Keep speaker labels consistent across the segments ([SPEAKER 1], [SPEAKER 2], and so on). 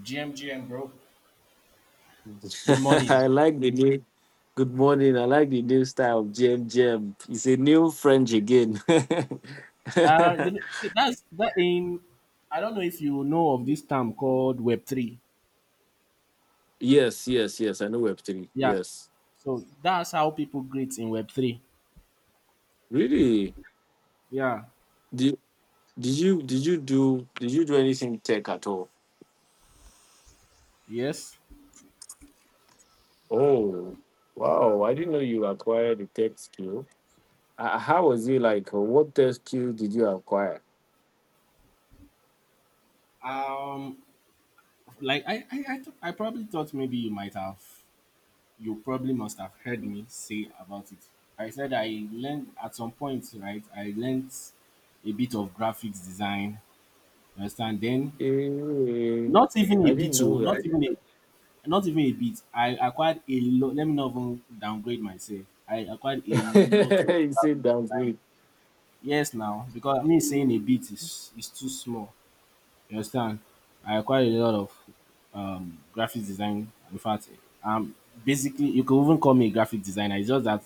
[SPEAKER 1] GMGM, bro. Good
[SPEAKER 2] I
[SPEAKER 1] morning.
[SPEAKER 2] like the new. Good morning. I like the new style of jam jam. It's a new French again.
[SPEAKER 1] Uh, you know, that's that in. I don't know if you know of this term called Web three.
[SPEAKER 2] Yes, yes, yes. I know Web three.
[SPEAKER 1] Yeah.
[SPEAKER 2] Yes.
[SPEAKER 1] So that's how people greet in Web three.
[SPEAKER 2] Really?
[SPEAKER 1] Yeah.
[SPEAKER 2] Did did you do anything tech at all?
[SPEAKER 1] Yes.
[SPEAKER 2] Oh, wow! I didn't know you acquired a tech skill. How was it like? What tech skill did you acquire?
[SPEAKER 1] Um, like I probably thought maybe you might have, you probably must have heard me say about it. I said I learned at some point, right? I learned a bit of graphics design. You understand? Then
[SPEAKER 2] Eh,
[SPEAKER 1] not even a
[SPEAKER 2] I
[SPEAKER 1] bit,
[SPEAKER 2] didn't
[SPEAKER 1] oh,
[SPEAKER 2] know
[SPEAKER 1] not
[SPEAKER 2] that.
[SPEAKER 1] even a not even a bit. I acquired a lot, let me not even downgrade myself. I acquired a lot of
[SPEAKER 2] You
[SPEAKER 1] graphic
[SPEAKER 2] said
[SPEAKER 1] design.
[SPEAKER 2] downgrade.
[SPEAKER 1] Yes now, because me saying a bit is too small. You understand? I acquired a lot of graphic design. In fact, um basically you could even call me a graphic designer. It's just that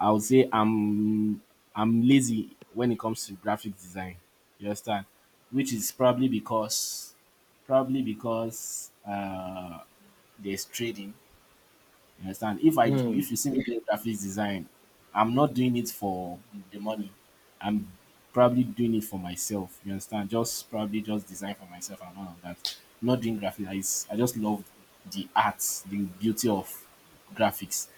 [SPEAKER 1] I would say I'm lazy when it comes to graphic design. You understand? Which is probably because there's trading, you understand? If you see me doing graphics design, I'm not doing it for the money. I'm probably doing it for myself. You understand? Just probably just design for myself and all of that. I'm not doing graphics. I just love the arts, the beauty of graphics.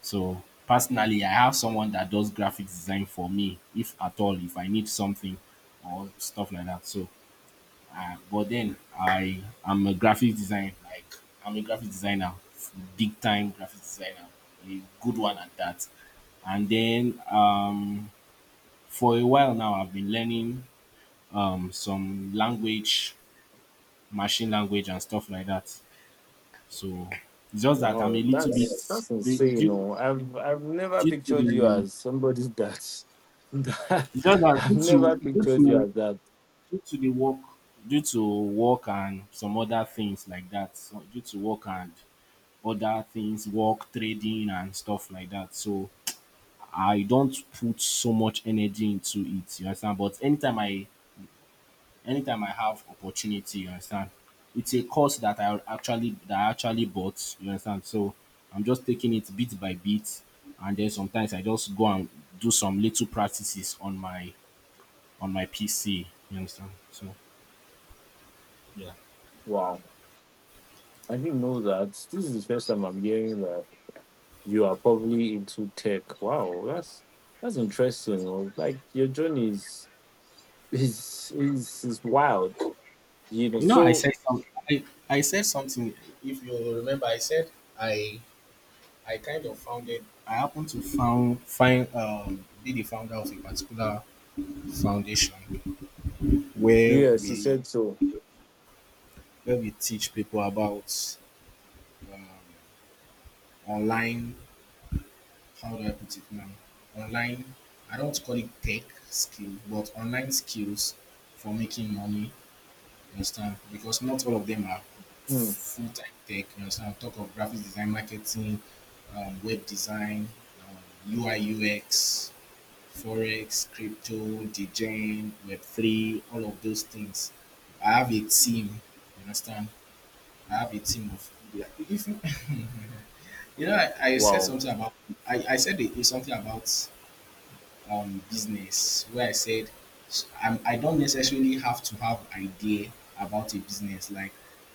[SPEAKER 1] So personally, I have someone that does graphics design for me, if at all, if I need something or stuff like that. So but then I am a graphic design, like I'm a graphic designer, big time graphic designer, a good one at that. And then for a while now, I've been learning some language, machine language, and stuff like that. So it's just that I'm a
[SPEAKER 2] Wow,
[SPEAKER 1] little
[SPEAKER 2] that's
[SPEAKER 1] bit
[SPEAKER 2] that's
[SPEAKER 1] the-
[SPEAKER 2] insane.
[SPEAKER 1] due,
[SPEAKER 2] No, I've never
[SPEAKER 1] due to
[SPEAKER 2] pictured you
[SPEAKER 1] the
[SPEAKER 2] as somebody that, that.
[SPEAKER 1] it's just that
[SPEAKER 2] I've
[SPEAKER 1] due
[SPEAKER 2] never
[SPEAKER 1] to due
[SPEAKER 2] pictured you
[SPEAKER 1] to
[SPEAKER 2] as that.
[SPEAKER 1] due to the work, due to work and some other things like that. So due to work and other things, work, trading, and stuff like that. So I don't put so much energy into it. You understand? But anytime I have opportunity, you understand, it's a course that I actually bought. You understand? So I'm just taking it bit by bit, and then sometimes I just go and do some little practices on my PC. You understand? So yeah.
[SPEAKER 2] Wow, I didn't know that. This is the first time I'm hearing that you are probably into tech. Wow, that's interesting. No, like your journey is wild. You know.
[SPEAKER 1] You know, I
[SPEAKER 2] So
[SPEAKER 1] said some. I, I said something. If you remember, I said I I kind of founded. I happened to found find be the founder of a particular foundation where
[SPEAKER 2] yes, you
[SPEAKER 1] we
[SPEAKER 2] said so.
[SPEAKER 1] where we teach people about um, online. How do I put it now? Online. I don't call it tech skill, but online skills for making money. You understand? Because not all of them are
[SPEAKER 2] Hmm.
[SPEAKER 1] full time tech. You understand? I talk of graphics design, marketing, web design, UI UX, forex, crypto, degen, web3, all of those things. I have a team, you understand. I have a team of yeah, if you, you know, I said
[SPEAKER 2] Wow.
[SPEAKER 1] something about I said something about business where I said I don't necessarily have to have idea about a business, like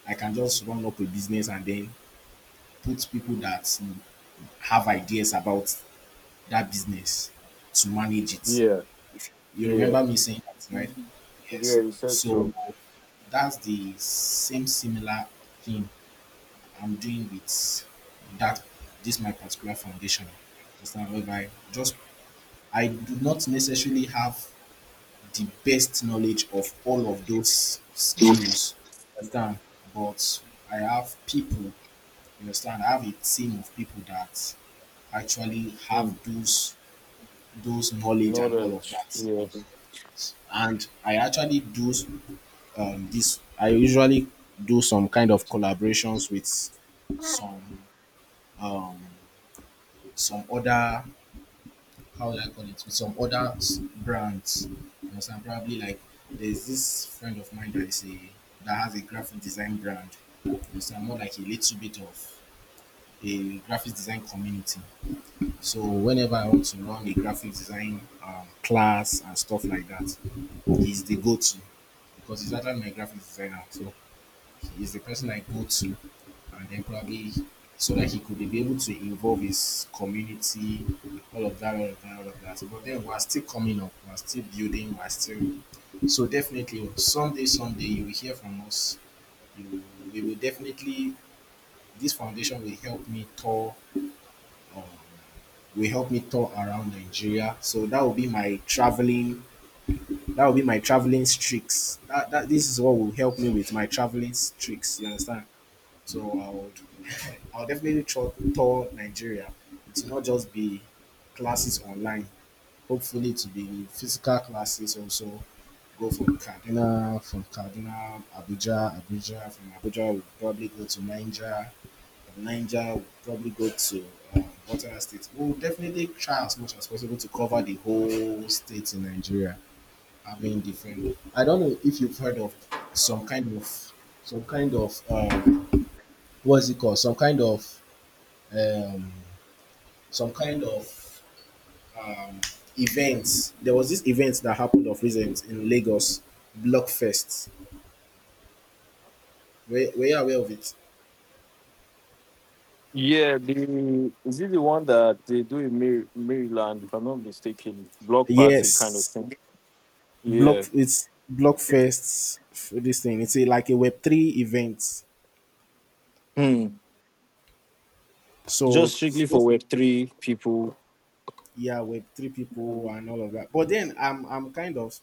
[SPEAKER 1] I can just run up a business and then put people that have ideas about that business to manage it.
[SPEAKER 2] Yeah.
[SPEAKER 1] If you
[SPEAKER 2] Yeah.
[SPEAKER 1] remember me saying that,
[SPEAKER 2] Yeah.
[SPEAKER 1] right? Yes.
[SPEAKER 2] You said
[SPEAKER 1] So
[SPEAKER 2] so.
[SPEAKER 1] that's the same similar thing I'm doing with that this my particular foundation. Understand? Whereby just I do not necessarily have the best knowledge of all of those skills. Understand? But I have people, you understand, I have a team of people that actually
[SPEAKER 2] Hmm.
[SPEAKER 1] have those knowledge and all of
[SPEAKER 2] Knowledge.
[SPEAKER 1] that.
[SPEAKER 2] Yeah.
[SPEAKER 1] And I actually do this. I usually do some kind of collaborations with some um, some other, how would I call it, with some other brands. You understand? Probably like there's this friend of mine that has a graphic design brand. You understand? More like a little bit of a graphic design community. So whenever I want to run a graphic design class and stuff like that, he's the go-to because he's actually my graphic designer. So is the person I go to, and then probably so that he could be able to involve his community, all of that, all of that, all of that. But then we're still coming up, we're still building, we're still so definitely someday, someday you will hear from us. You, we will definitely this foundation will help me tour. Um, will help me tour around Nigeria. So that will be my traveling. That will be my traveling streaks. That, that this is what will help me with my traveling streaks. You understand? So I'll definitely tour Nigeria. It will not just be classes online. Hopefully, to be physical classes also. Go from Kaduna, Abuja, Abuja, from Abuja, we'll probably go to Niger, from Niger, we'll probably go to what other states? We'll definitely try as much as possible to cover the whole state in Nigeria, having different. I don't know if you've heard of some kind of some kind of um, what's it called? Um, some kind of um, event. There was this event that happened of recent in Lagos, Blockfest. Were you aware of it?
[SPEAKER 2] Yeah, the is it the one that they do in Maryland, if I'm not mistaken, block party kind of
[SPEAKER 1] Yes,
[SPEAKER 2] thing.
[SPEAKER 1] block
[SPEAKER 2] Yeah.
[SPEAKER 1] it's Blockfest. This thing it's a, like a Web three event.
[SPEAKER 2] Hmm.
[SPEAKER 1] So
[SPEAKER 2] Just strictly for
[SPEAKER 1] those
[SPEAKER 2] Web three people.
[SPEAKER 1] yeah, Web three people and all of that. But then I'm kind of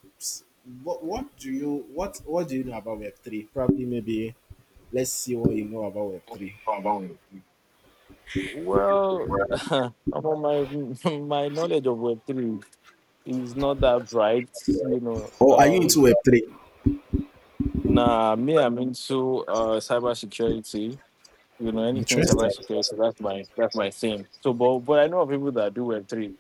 [SPEAKER 1] what do you know about Web three? Probably maybe let's see what you know about Web three.
[SPEAKER 2] Well, from my my knowledge of Web three is not that bright, you know.
[SPEAKER 1] Or are you
[SPEAKER 2] Um,
[SPEAKER 1] into Web three?
[SPEAKER 2] nah, me, I'm into cybersecurity. You know, anything
[SPEAKER 1] Interesting.
[SPEAKER 2] cybersecurity. That's my thing. So, but I know of people that do Web three.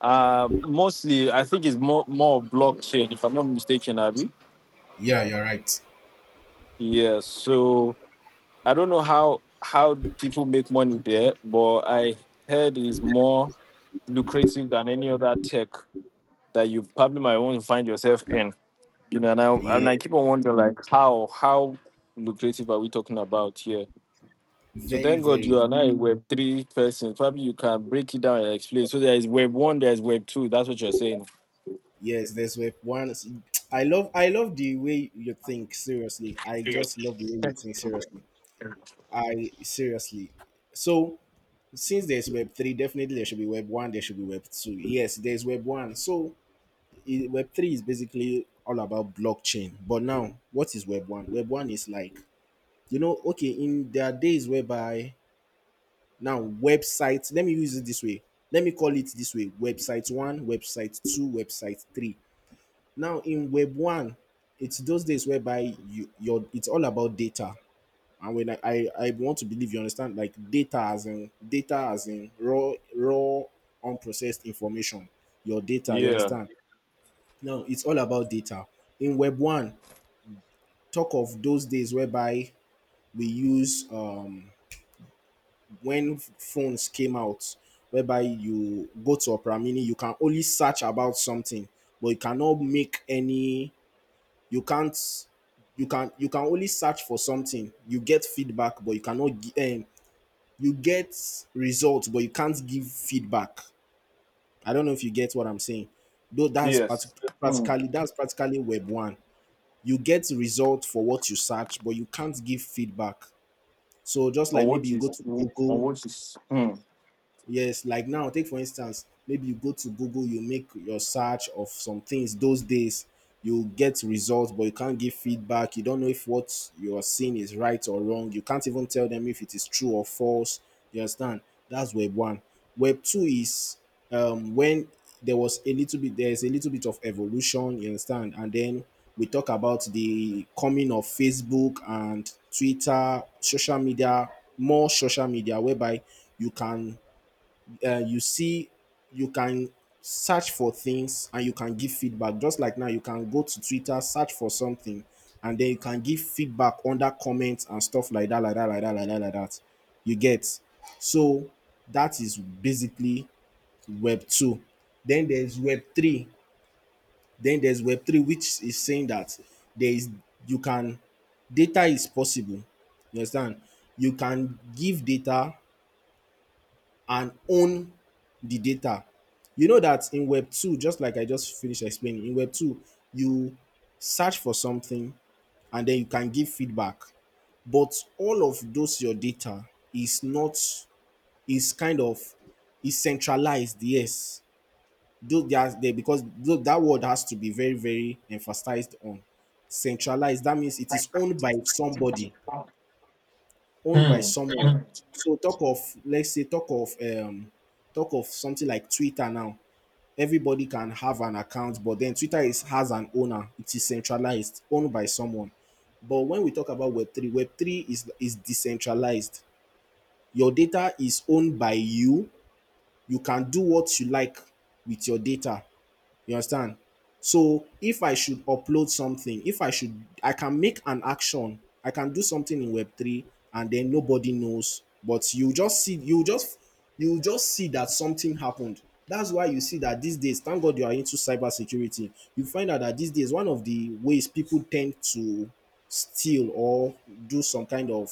[SPEAKER 2] Mostly, I think it's more of blockchain, if I'm not mistaken, Abby.
[SPEAKER 1] Yeah, you're right.
[SPEAKER 2] Yeah. So I don't know how people make money there, but I heard it's more lucrative than any other tech that you probably might want to find yourself in. You know, and I
[SPEAKER 1] Yeah,
[SPEAKER 2] and I keep on wondering like how lucrative are we talking about here? So
[SPEAKER 1] very,
[SPEAKER 2] thank God you
[SPEAKER 1] very.
[SPEAKER 2] are now a Web three person. Probably you can break it down and explain. So there is Web one, there is Web two. That's what you're saying.
[SPEAKER 1] Yes, there's web one. I love the way you think. Seriously, I just love the way you think. Seriously, I seriously. So since there's web three, definitely there should be web one. There should be web two. Yes, there's web one. So web three is basically all about blockchain. But now, what is web one? Web one is like, you know, okay, in there are days whereby now, website, let me use it this way. Let me call it this way, website one, website two, website three. Now, in web one, it's those days whereby you, your it's all about data. And when I want to believe you understand, like data, as in data, as in raw, raw, unprocessed information, your data, you
[SPEAKER 2] Yeah.
[SPEAKER 1] understand? Now, it's all about data. In web one, talk of those days whereby we use when phones came out, whereby you go to opera mini, you can only search about something but you cannot make any, you can't, you can only search for something, you get feedback but you cannot gi- you get results but you can't give feedback. I don't know if you get what I'm saying, though
[SPEAKER 2] Yes. Hmm.
[SPEAKER 1] practically, that's practically web one. You get result for what you search but you can't give feedback. So just
[SPEAKER 2] on
[SPEAKER 1] like maybe
[SPEAKER 2] what
[SPEAKER 1] you
[SPEAKER 2] you
[SPEAKER 1] go to
[SPEAKER 2] on
[SPEAKER 1] google.
[SPEAKER 2] what you Hmm.
[SPEAKER 1] Yes, like now, take for instance, maybe you go to Google, you make your search of some things those days, you get results, but you can't give feedback. You don't know if what you are seeing is right or wrong. You can't even tell them if it is true or false. You understand? That's web one. Web two is when there's a little bit of evolution, you understand? And then we talk about the coming of Facebook and Twitter, social media, more social media, whereby you can uh, you see you can search for things and you can give feedback, just like now you can go to twitter, search for something and then you can give feedback under comments and stuff like that, like that, like that, like that, like that, you get. So that is basically web 2. then there's web 3 then there's web 3, which is saying that there is you can, data is possible, you understand, you can give data and own the data. You know that in Web 2, just like I just finished explaining, in Web 2, you search for something and then you can give feedback. But all of those your data is not, is kind of, is centralized, yes. Though they? Are- there because though that word has to be very, very emphasized on. Centralized, that means it is owned by somebody, owned by
[SPEAKER 2] Hmm.
[SPEAKER 1] someone.
[SPEAKER 2] Hmm.
[SPEAKER 1] So talk of, let's say talk of something like Twitter now. Everybody can have an account but then twitter is, has an owner, it is centralized, owned by someone. But when we talk about web3, is decentralized, your data is owned by you, you can do what you like with your data, you understand? So if I should upload something, if I should, I can make an action. I can do something in Web three, and then nobody knows. But you just see, you just see that something happened. That's why you see that these days, thank God you are into cybersecurity. You find out that these days, one of the ways people tend to steal or do some kind of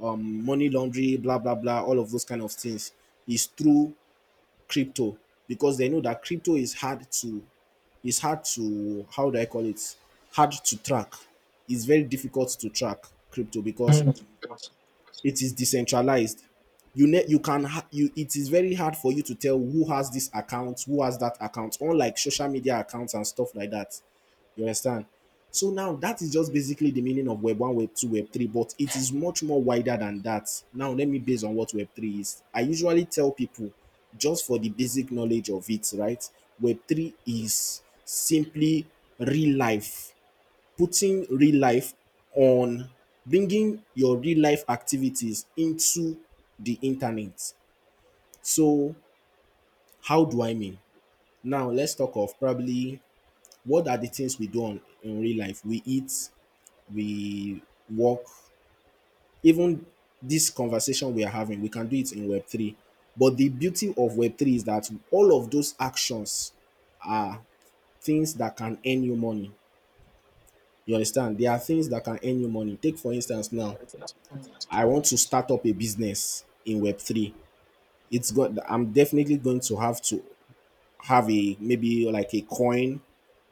[SPEAKER 1] money laundry, blah blah blah, all of those kind of things is through crypto because they know that crypto is hard to it's hard to, how do I call it? Hard to track. It's very difficult to track crypto because it is decentralized. You ne- you can ha- you it is very hard for you to tell who has this account, who has that account, unlike social media accounts and stuff like that. You understand? So now that is just basically the meaning of Web 1, Web 2, Web 3, but it is much more wider than that. Now, let me base on what Web 3 is. I usually tell people, just for the basic knowledge of it, right? Web 3 is simply real life, putting real life on bringing your real life activities into the internet. So, how do I mean? Now, let's talk of probably, what are the things we do on in real life? We eat, we work, even this conversation we are having we can do it in web3, but the beauty of web3 is that all of those actions, things that can earn you money, you understand, there are things that can earn you money. Take for instance now, I want to start up a business in web3. It's got I'm definitely going to have a, maybe like a coin,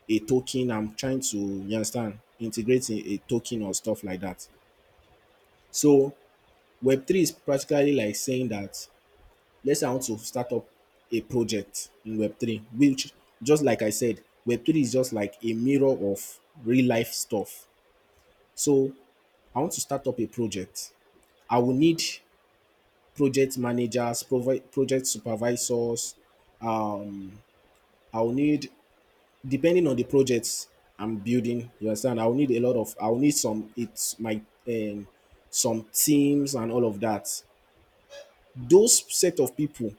[SPEAKER 1] a token. I'm trying to, you understand, integrate a token or stuff like that. So web3 is practically like saying that, let's say I want to start up a project in Web3, which, just like I said, Web3 is just like a mirror of real life stuff. So I want to start up a project. I will need project managers, project supervisors. Um, I will need, depending on the projects I'm building, you understand, I will need a lot of, I will need some, it's my, um, some teams and all of that. Those set of people,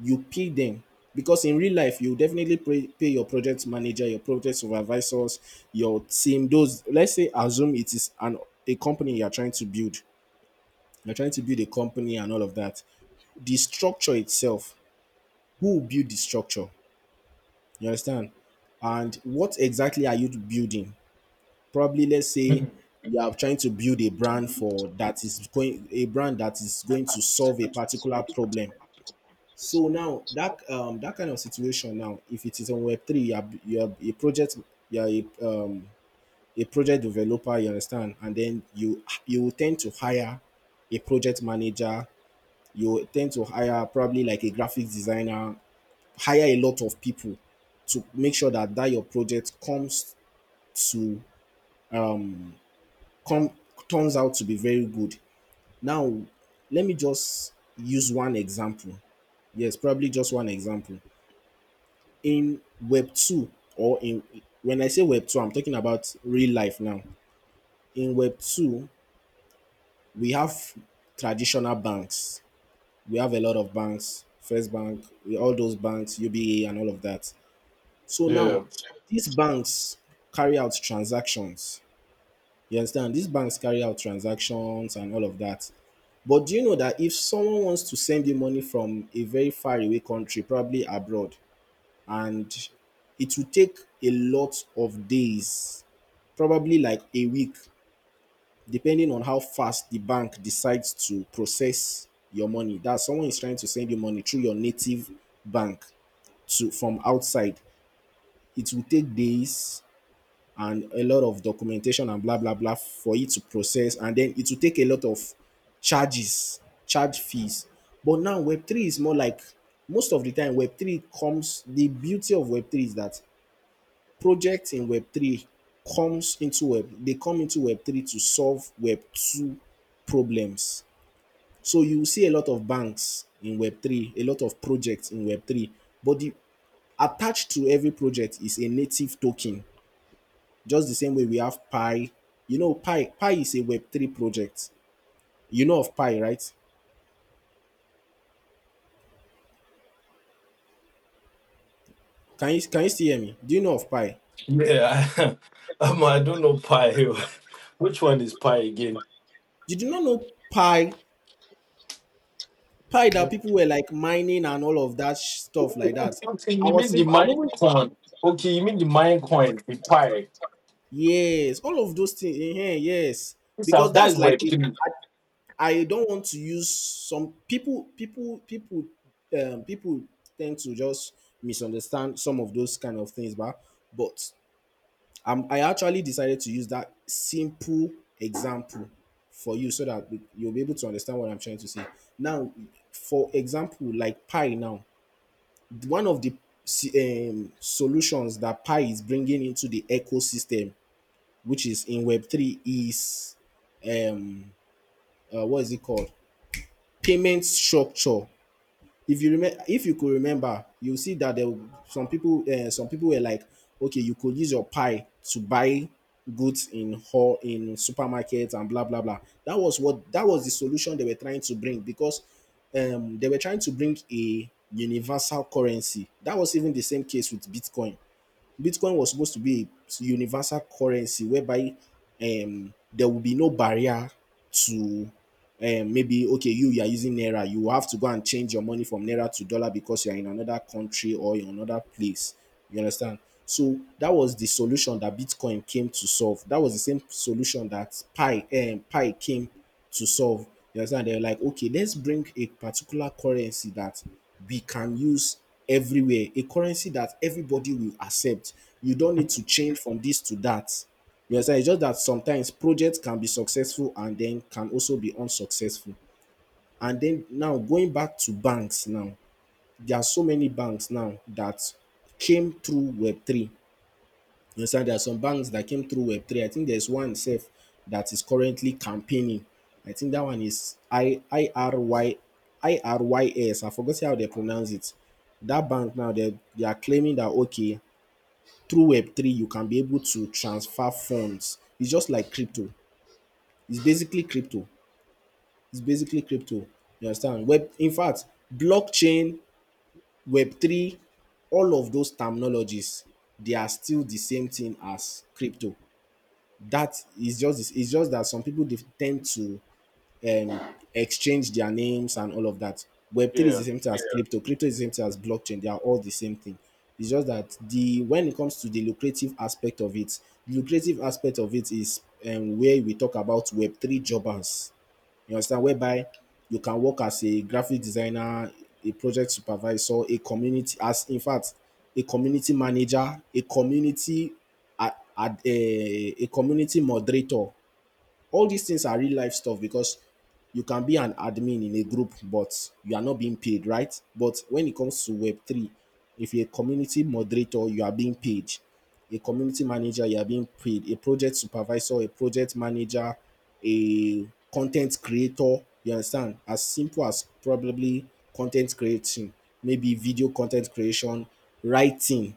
[SPEAKER 1] you pay them, because in real life you definitely pay your project manager, your project supervisors, your team. Those, let's say, assume it is an a company you are trying to build. You're trying to build a company and all of that. The structure itself, who will build the structure, you understand, and what exactly are you building? Probably, let's say you are trying to build a brand for that is going, a brand that is going to solve a particular problem. So now that, that kind of situation now, if it is on Web three, you're a project, you're a a project developer, you understand, and then you will tend to hire a project manager, you will tend to hire probably like a graphic designer, hire a lot of people to make sure that your project comes to come turns out to be very good. Now, let me just use one example. Yes, probably just one example. In web 2, or in, when I say web 2 I'm talking about real life. Now in web 2 we have traditional banks, we have a lot of banks, first bank, all those banks, uba and all of that. So now
[SPEAKER 2] Yeah.
[SPEAKER 1] these banks carry out transactions, you understand, these banks carry out transactions and all of that. But do you know that if someone wants to send you money from a very far away country, probably abroad, and it will take a lot of days, probably like a week, depending on how fast the bank decides to process your money? That someone is trying to send you money through your native bank to from outside. It will take days and a lot of documentation and blah blah blah for it to process, and then it will take a lot of charges, charge fees. But now Web3 is more like, most of the time Web3 comes, the beauty of Web3 is that projects in Web3 they come into Web3 to solve Web2 problems. So you will see a lot of banks in Web3, a lot of projects in Web3, but the, attached to every project is a native token. Just the same way we have Pi. You know, Pi is a Web3 project. You know of Pi, right? Can you still hear me? Do you know of Pi?
[SPEAKER 2] Yeah, I don't know pie. Which one is pie again?
[SPEAKER 1] Did you do not know Pi? Pi that
[SPEAKER 2] No.
[SPEAKER 1] people were like mining and all of that stuff like
[SPEAKER 2] Oh,
[SPEAKER 1] that.
[SPEAKER 2] okay, okay, you mean the
[SPEAKER 1] I'm even.
[SPEAKER 2] mine coin? Okay, you mean the mine coin, the pie.
[SPEAKER 1] Yes, all of those things. Yes,
[SPEAKER 2] So
[SPEAKER 1] because
[SPEAKER 2] that's
[SPEAKER 1] that's
[SPEAKER 2] where
[SPEAKER 1] like the,
[SPEAKER 2] three.
[SPEAKER 1] I don't want to use some people. People tend to just misunderstand some of those kind of things. But but I actually decided to use that simple example for you so that you'll be able to understand what I'm trying to say. Now, for example, like pie. Now, one of the solutions that pie is bringing into the ecosystem, which is in Web3, is um what is it called? Payment structure. If you remember, if you could remember, you'll see that there were some people, some people were like, okay, you could use your pie to buy goods in supermarkets and blah blah blah. That was the solution they were trying to bring, because they were trying to bring a universal currency. That was even the same case with Bitcoin. Bitcoin was supposed to be a universal currency whereby there will be no barrier to, maybe, okay, you are using Naira, you have to go and change your money from Naira to dollar because you are in another country or in another place. You understand? So that was the solution that Bitcoin came to solve. That was the same solution that Pi, Pi came to solve. You understand? They're like, okay, let's bring a particular currency that we can use everywhere, a currency that everybody will accept. You don't need to change from this to that. You understand? It's just that sometimes projects can be successful and then can also be unsuccessful. And then now, going back to banks now, there are so many banks now that came through Web3. You understand? There are some banks that came through Web3. I think there's one safe that is currently campaigning. I think that one is I R Y, I R Y S. I forgot how they pronounce it. That bank now, they are claiming that okay, through Web3 you can be able to transfer funds. It's just like crypto. It's basically crypto. It's basically crypto. You understand? Web in fact, blockchain, Web3, all of those terminologies, they are still the same thing as crypto. That is just it's just that some people, they tend to exchange their names and all of that. Web3 is
[SPEAKER 2] Yeah.
[SPEAKER 1] the same thing as crypto, crypto is the same thing as blockchain, they are all the same thing. It's just that, the when it comes to the lucrative aspect of it, is where we talk about web3 jobbers. You understand? Whereby you can work as a graphic designer, a project supervisor, a community as in fact, a community manager, a, a community moderator. All these things are real life stuff, because you can be an admin in a group but you are not being paid, right? But when it comes to web3, if you're a community moderator you are being paid, a community manager you are being paid, a project supervisor, a project manager, a content creator. You understand, as simple as probably content creating, maybe video content creation, writing,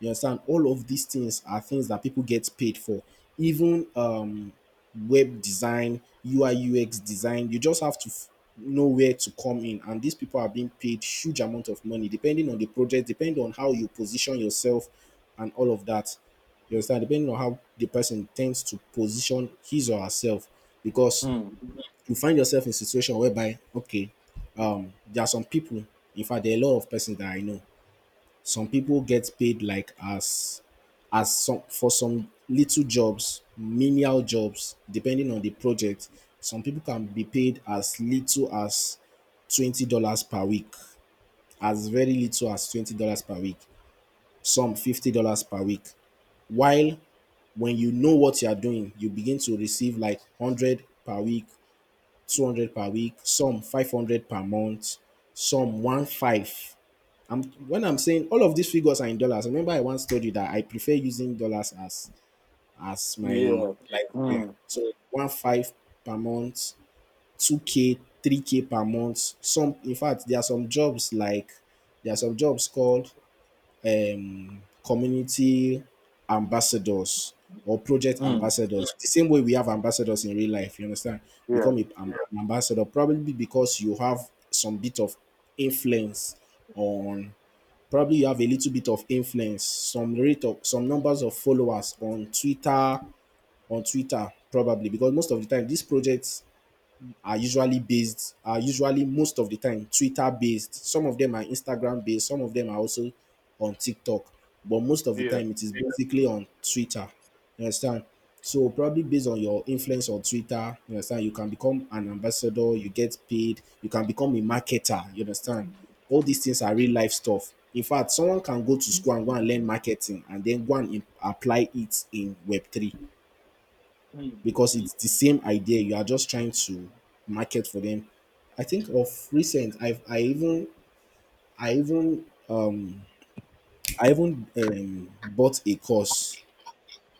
[SPEAKER 1] you understand, all of these things are things that people get paid for, even web design, UI, UX design. You just have to know where to come in. And these people are being paid huge amount of money, depending on the project, depending on how you position yourself, and all of that. You understand? Depending on how the person tends to position his or herself, because
[SPEAKER 2] Mm.
[SPEAKER 1] you find yourself in a situation whereby, okay, there are some people. In fact, there are a lot of persons that I know. Some people get paid like as some, for some little jobs, menial jobs, depending on the project, some people can be paid as little as $20 per week, as very little as $20 per week, some $50 per week. While when you know what you are doing, you begin to receive like hundred per week, 200 per week, some 500 per month, some 1.5. I'm when I'm saying all of these figures are in dollars. Remember, I once told you that I prefer using dollars as my
[SPEAKER 2] Yeah.
[SPEAKER 1] like yeah.
[SPEAKER 2] Mm.
[SPEAKER 1] So one five per month, 2K, 3K per month. Some In fact, there are some jobs like there are some jobs called community ambassadors or project
[SPEAKER 2] Mm.
[SPEAKER 1] ambassadors. The same way we have ambassadors in real life, you understand?
[SPEAKER 2] Yeah,
[SPEAKER 1] Become an ambassador, probably because you have some bit of influence on, probably you have a little bit of influence, some rate of some numbers of followers on twitter on Twitter, probably because most of the time these projects are usually most of the time Twitter based. Some of them are Instagram based, some of them are also on TikTok, but most of the
[SPEAKER 2] yeah.
[SPEAKER 1] time it is basically on Twitter. You understand? So probably based on your influence on Twitter, you understand, you can become an ambassador, you get paid, you can become a marketer, you understand? All these things are real life stuff. In fact, someone can go to school and go and learn marketing and then go and apply it in Web3,
[SPEAKER 2] Mm.
[SPEAKER 1] because it's the same idea. You are just trying to market for them. I think of recent, I even um I even bought a course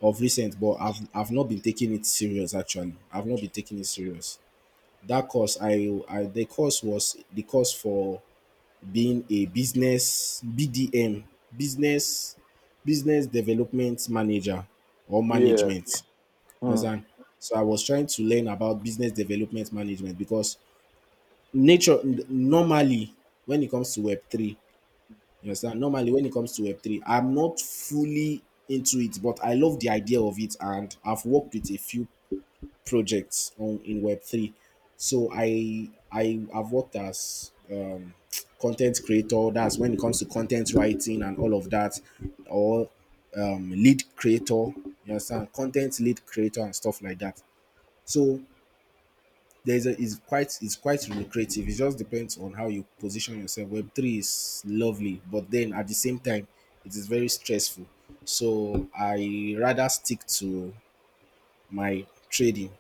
[SPEAKER 1] of recent, but I've not been taking it serious, actually. I've not been taking it serious. That course I the course was the course for being a business BDM, business business development manager or
[SPEAKER 2] Yeah.
[SPEAKER 1] management. You
[SPEAKER 2] Mm.
[SPEAKER 1] understand? So I was trying to learn about business development management, because normally, when it comes to Web3, you understand? Normally, when it comes to Web3, I'm not fully into it, but I love the idea of it, and I've worked with a few projects on in Web3. So I have worked as content creator, that's when it comes to content writing and all of that, or lead creator, you understand, content lead creator and stuff like that. So there's a it's quite lucrative. It just depends on how you position yourself. Web three is lovely, but then at the same time, it is very stressful. So I rather stick to my trading.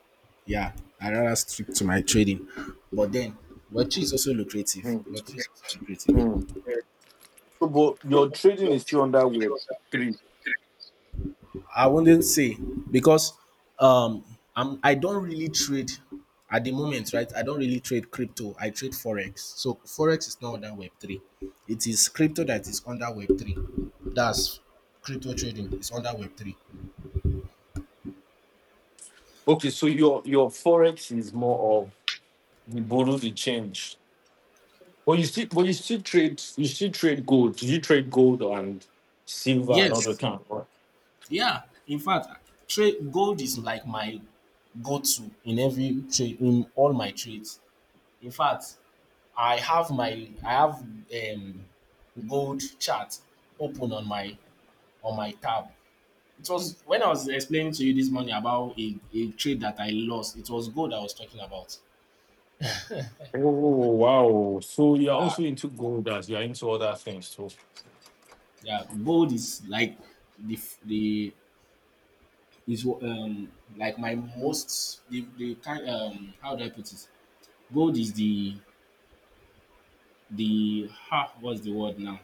[SPEAKER 1] Yeah, I rather stick to my trading. But then, Web three is also lucrative.
[SPEAKER 2] Mm.
[SPEAKER 1] Web three is also
[SPEAKER 2] Mm.
[SPEAKER 1] lucrative.
[SPEAKER 2] So, but your trading is still under Web three.
[SPEAKER 1] I wouldn't say, because um I don't really trade at the moment, right? I don't really trade crypto. I trade forex. So forex is not under Web three. It is crypto that is under Web three. That's, crypto trading is under Web three.
[SPEAKER 2] Okay, so your forex is more of you borrow the change, but you still trade you still trade gold. You trade gold and silver and other
[SPEAKER 1] Yes,
[SPEAKER 2] kind, right?
[SPEAKER 1] yeah. In fact, trade gold is like my go-to in every trade, in all my trades. In fact, I have my I have gold chart open on my tab. It was when I was explaining to you this morning about a trade that I lost. It was gold I was talking about.
[SPEAKER 2] Oh wow! So you're
[SPEAKER 1] Yeah,
[SPEAKER 2] also into gold as you're into other things. So
[SPEAKER 1] yeah. Gold is like the the is like my most the kind how do I put it? Gold is the ha what's the word now?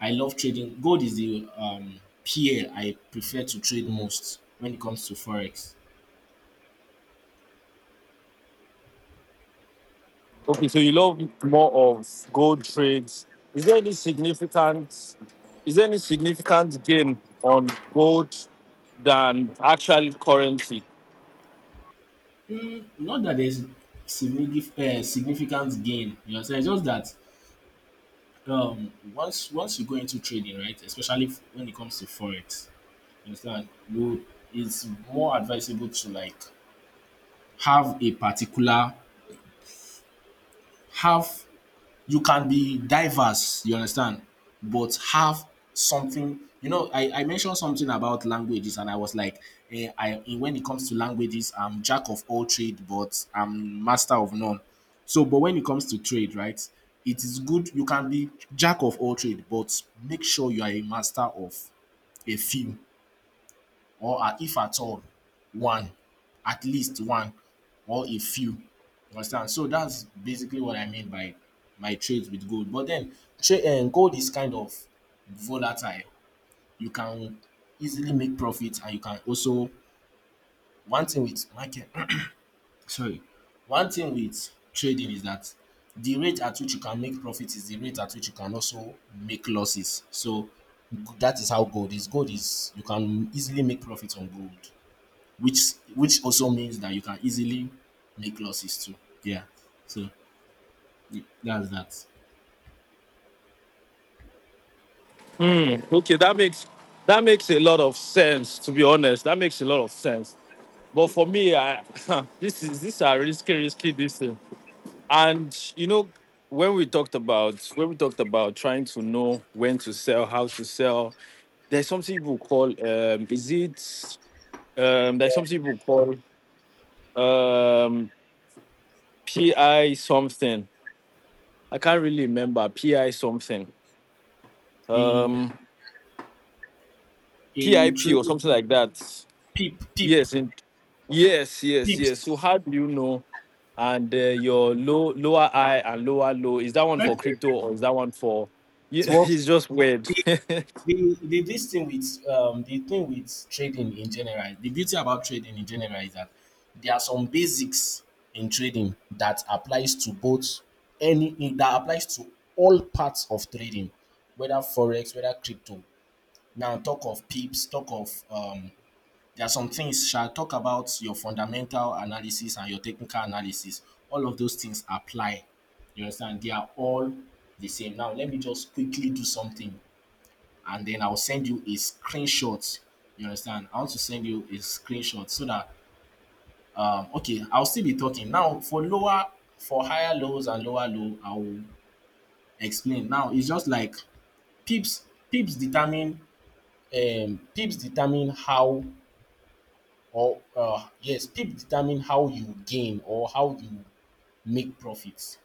[SPEAKER 1] I love trading. Gold is the peer I prefer to trade most when it comes to forex.
[SPEAKER 2] okay, so you love more of gold trades. Is there any significant is there any significant gain on gold than actual currency?
[SPEAKER 1] Not that there's significant gain. You understand? It's just that once you go into trading, right, especially when it comes to forex, you understand, you it's more advisable to, like, have a particular have you can be diverse, you understand, but have something. You know, I mentioned something about languages, and I was like, when it comes to languages, I'm jack of all trade, but I'm master of none. So, but when it comes to trade, right, it is good you can be jack of all trade, but make sure you are a master of a few, or if at all, one, at least one, or a few. You understand? So that's basically what I mean by my trades with gold. But then, gold is kind of volatile. You can easily make profit, and you can also one thing with market. Sorry, one thing with trading is that the rate at which you can make profit is the rate at which you can also make losses. So that is how gold is. Gold is, you can easily make profit on gold, which also means that you can easily make losses too. Yeah. So that's that.
[SPEAKER 2] Mm, okay, that makes a lot of sense. To be honest, that makes a lot of sense. But for me, I, this are risky, risky this thing. And you know, when we talked about trying to know when to sell, how to sell, there's something people call is it there's something people call um, PI something. I can't really remember PI something.
[SPEAKER 1] In
[SPEAKER 2] Um,
[SPEAKER 1] in
[SPEAKER 2] PIP or
[SPEAKER 1] trading,
[SPEAKER 2] something like that.
[SPEAKER 1] peep peep
[SPEAKER 2] Yes, in Yes, yes, yes. So
[SPEAKER 1] peeps.
[SPEAKER 2] how do you know? And your lower high and lower low, is that one for crypto or is that one for?
[SPEAKER 1] It's what?
[SPEAKER 2] It's just weird.
[SPEAKER 1] the, the thing with trading in general, the beauty about trading in general, is that there are some basics in trading that applies to both any that applies to all parts of trading, whether forex, whether crypto. Now, talk of pips, talk of there are some things. Shall talk about your fundamental analysis and your technical analysis. All of those things apply. You understand? They are all the same. Now, let me just quickly do something and then I'll send you a screenshot. You understand? I want to send you a screenshot so that, okay, I'll still be talking. Now, for for higher lows and lower low, I will explain. Now, it's just like pips, pips determine, pips determine how or yes, pips determine how you gain or how you make profits.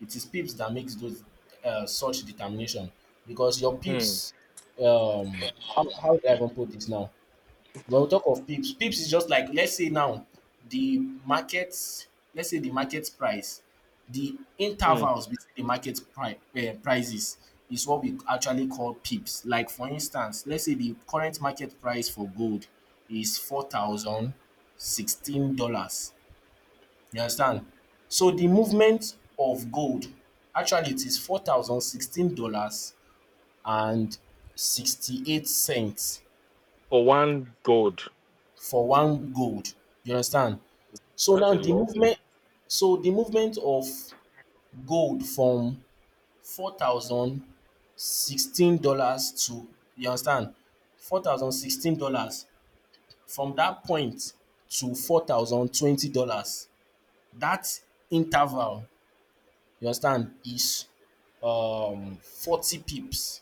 [SPEAKER 1] It is pips that makes those such determination, because your
[SPEAKER 2] Hmm,
[SPEAKER 1] pips, um, how do I even put this now? Well, pips is just like, let's say now, the market, let's say the market price, the
[SPEAKER 2] hmm.
[SPEAKER 1] intervals between the market prices, is what we actually call pips. Like, for instance, let's say the current market price for gold is $4,016. You understand? So the movement of gold, actually it is $4,016 and 68 cents
[SPEAKER 2] For what?
[SPEAKER 1] for one gold. You understand? So
[SPEAKER 2] That's
[SPEAKER 1] now
[SPEAKER 2] a lot.
[SPEAKER 1] so the movement of gold from $4,016 to, you understand, $4,016, from that point to $4,020, that interval, you understand, is 40 pips.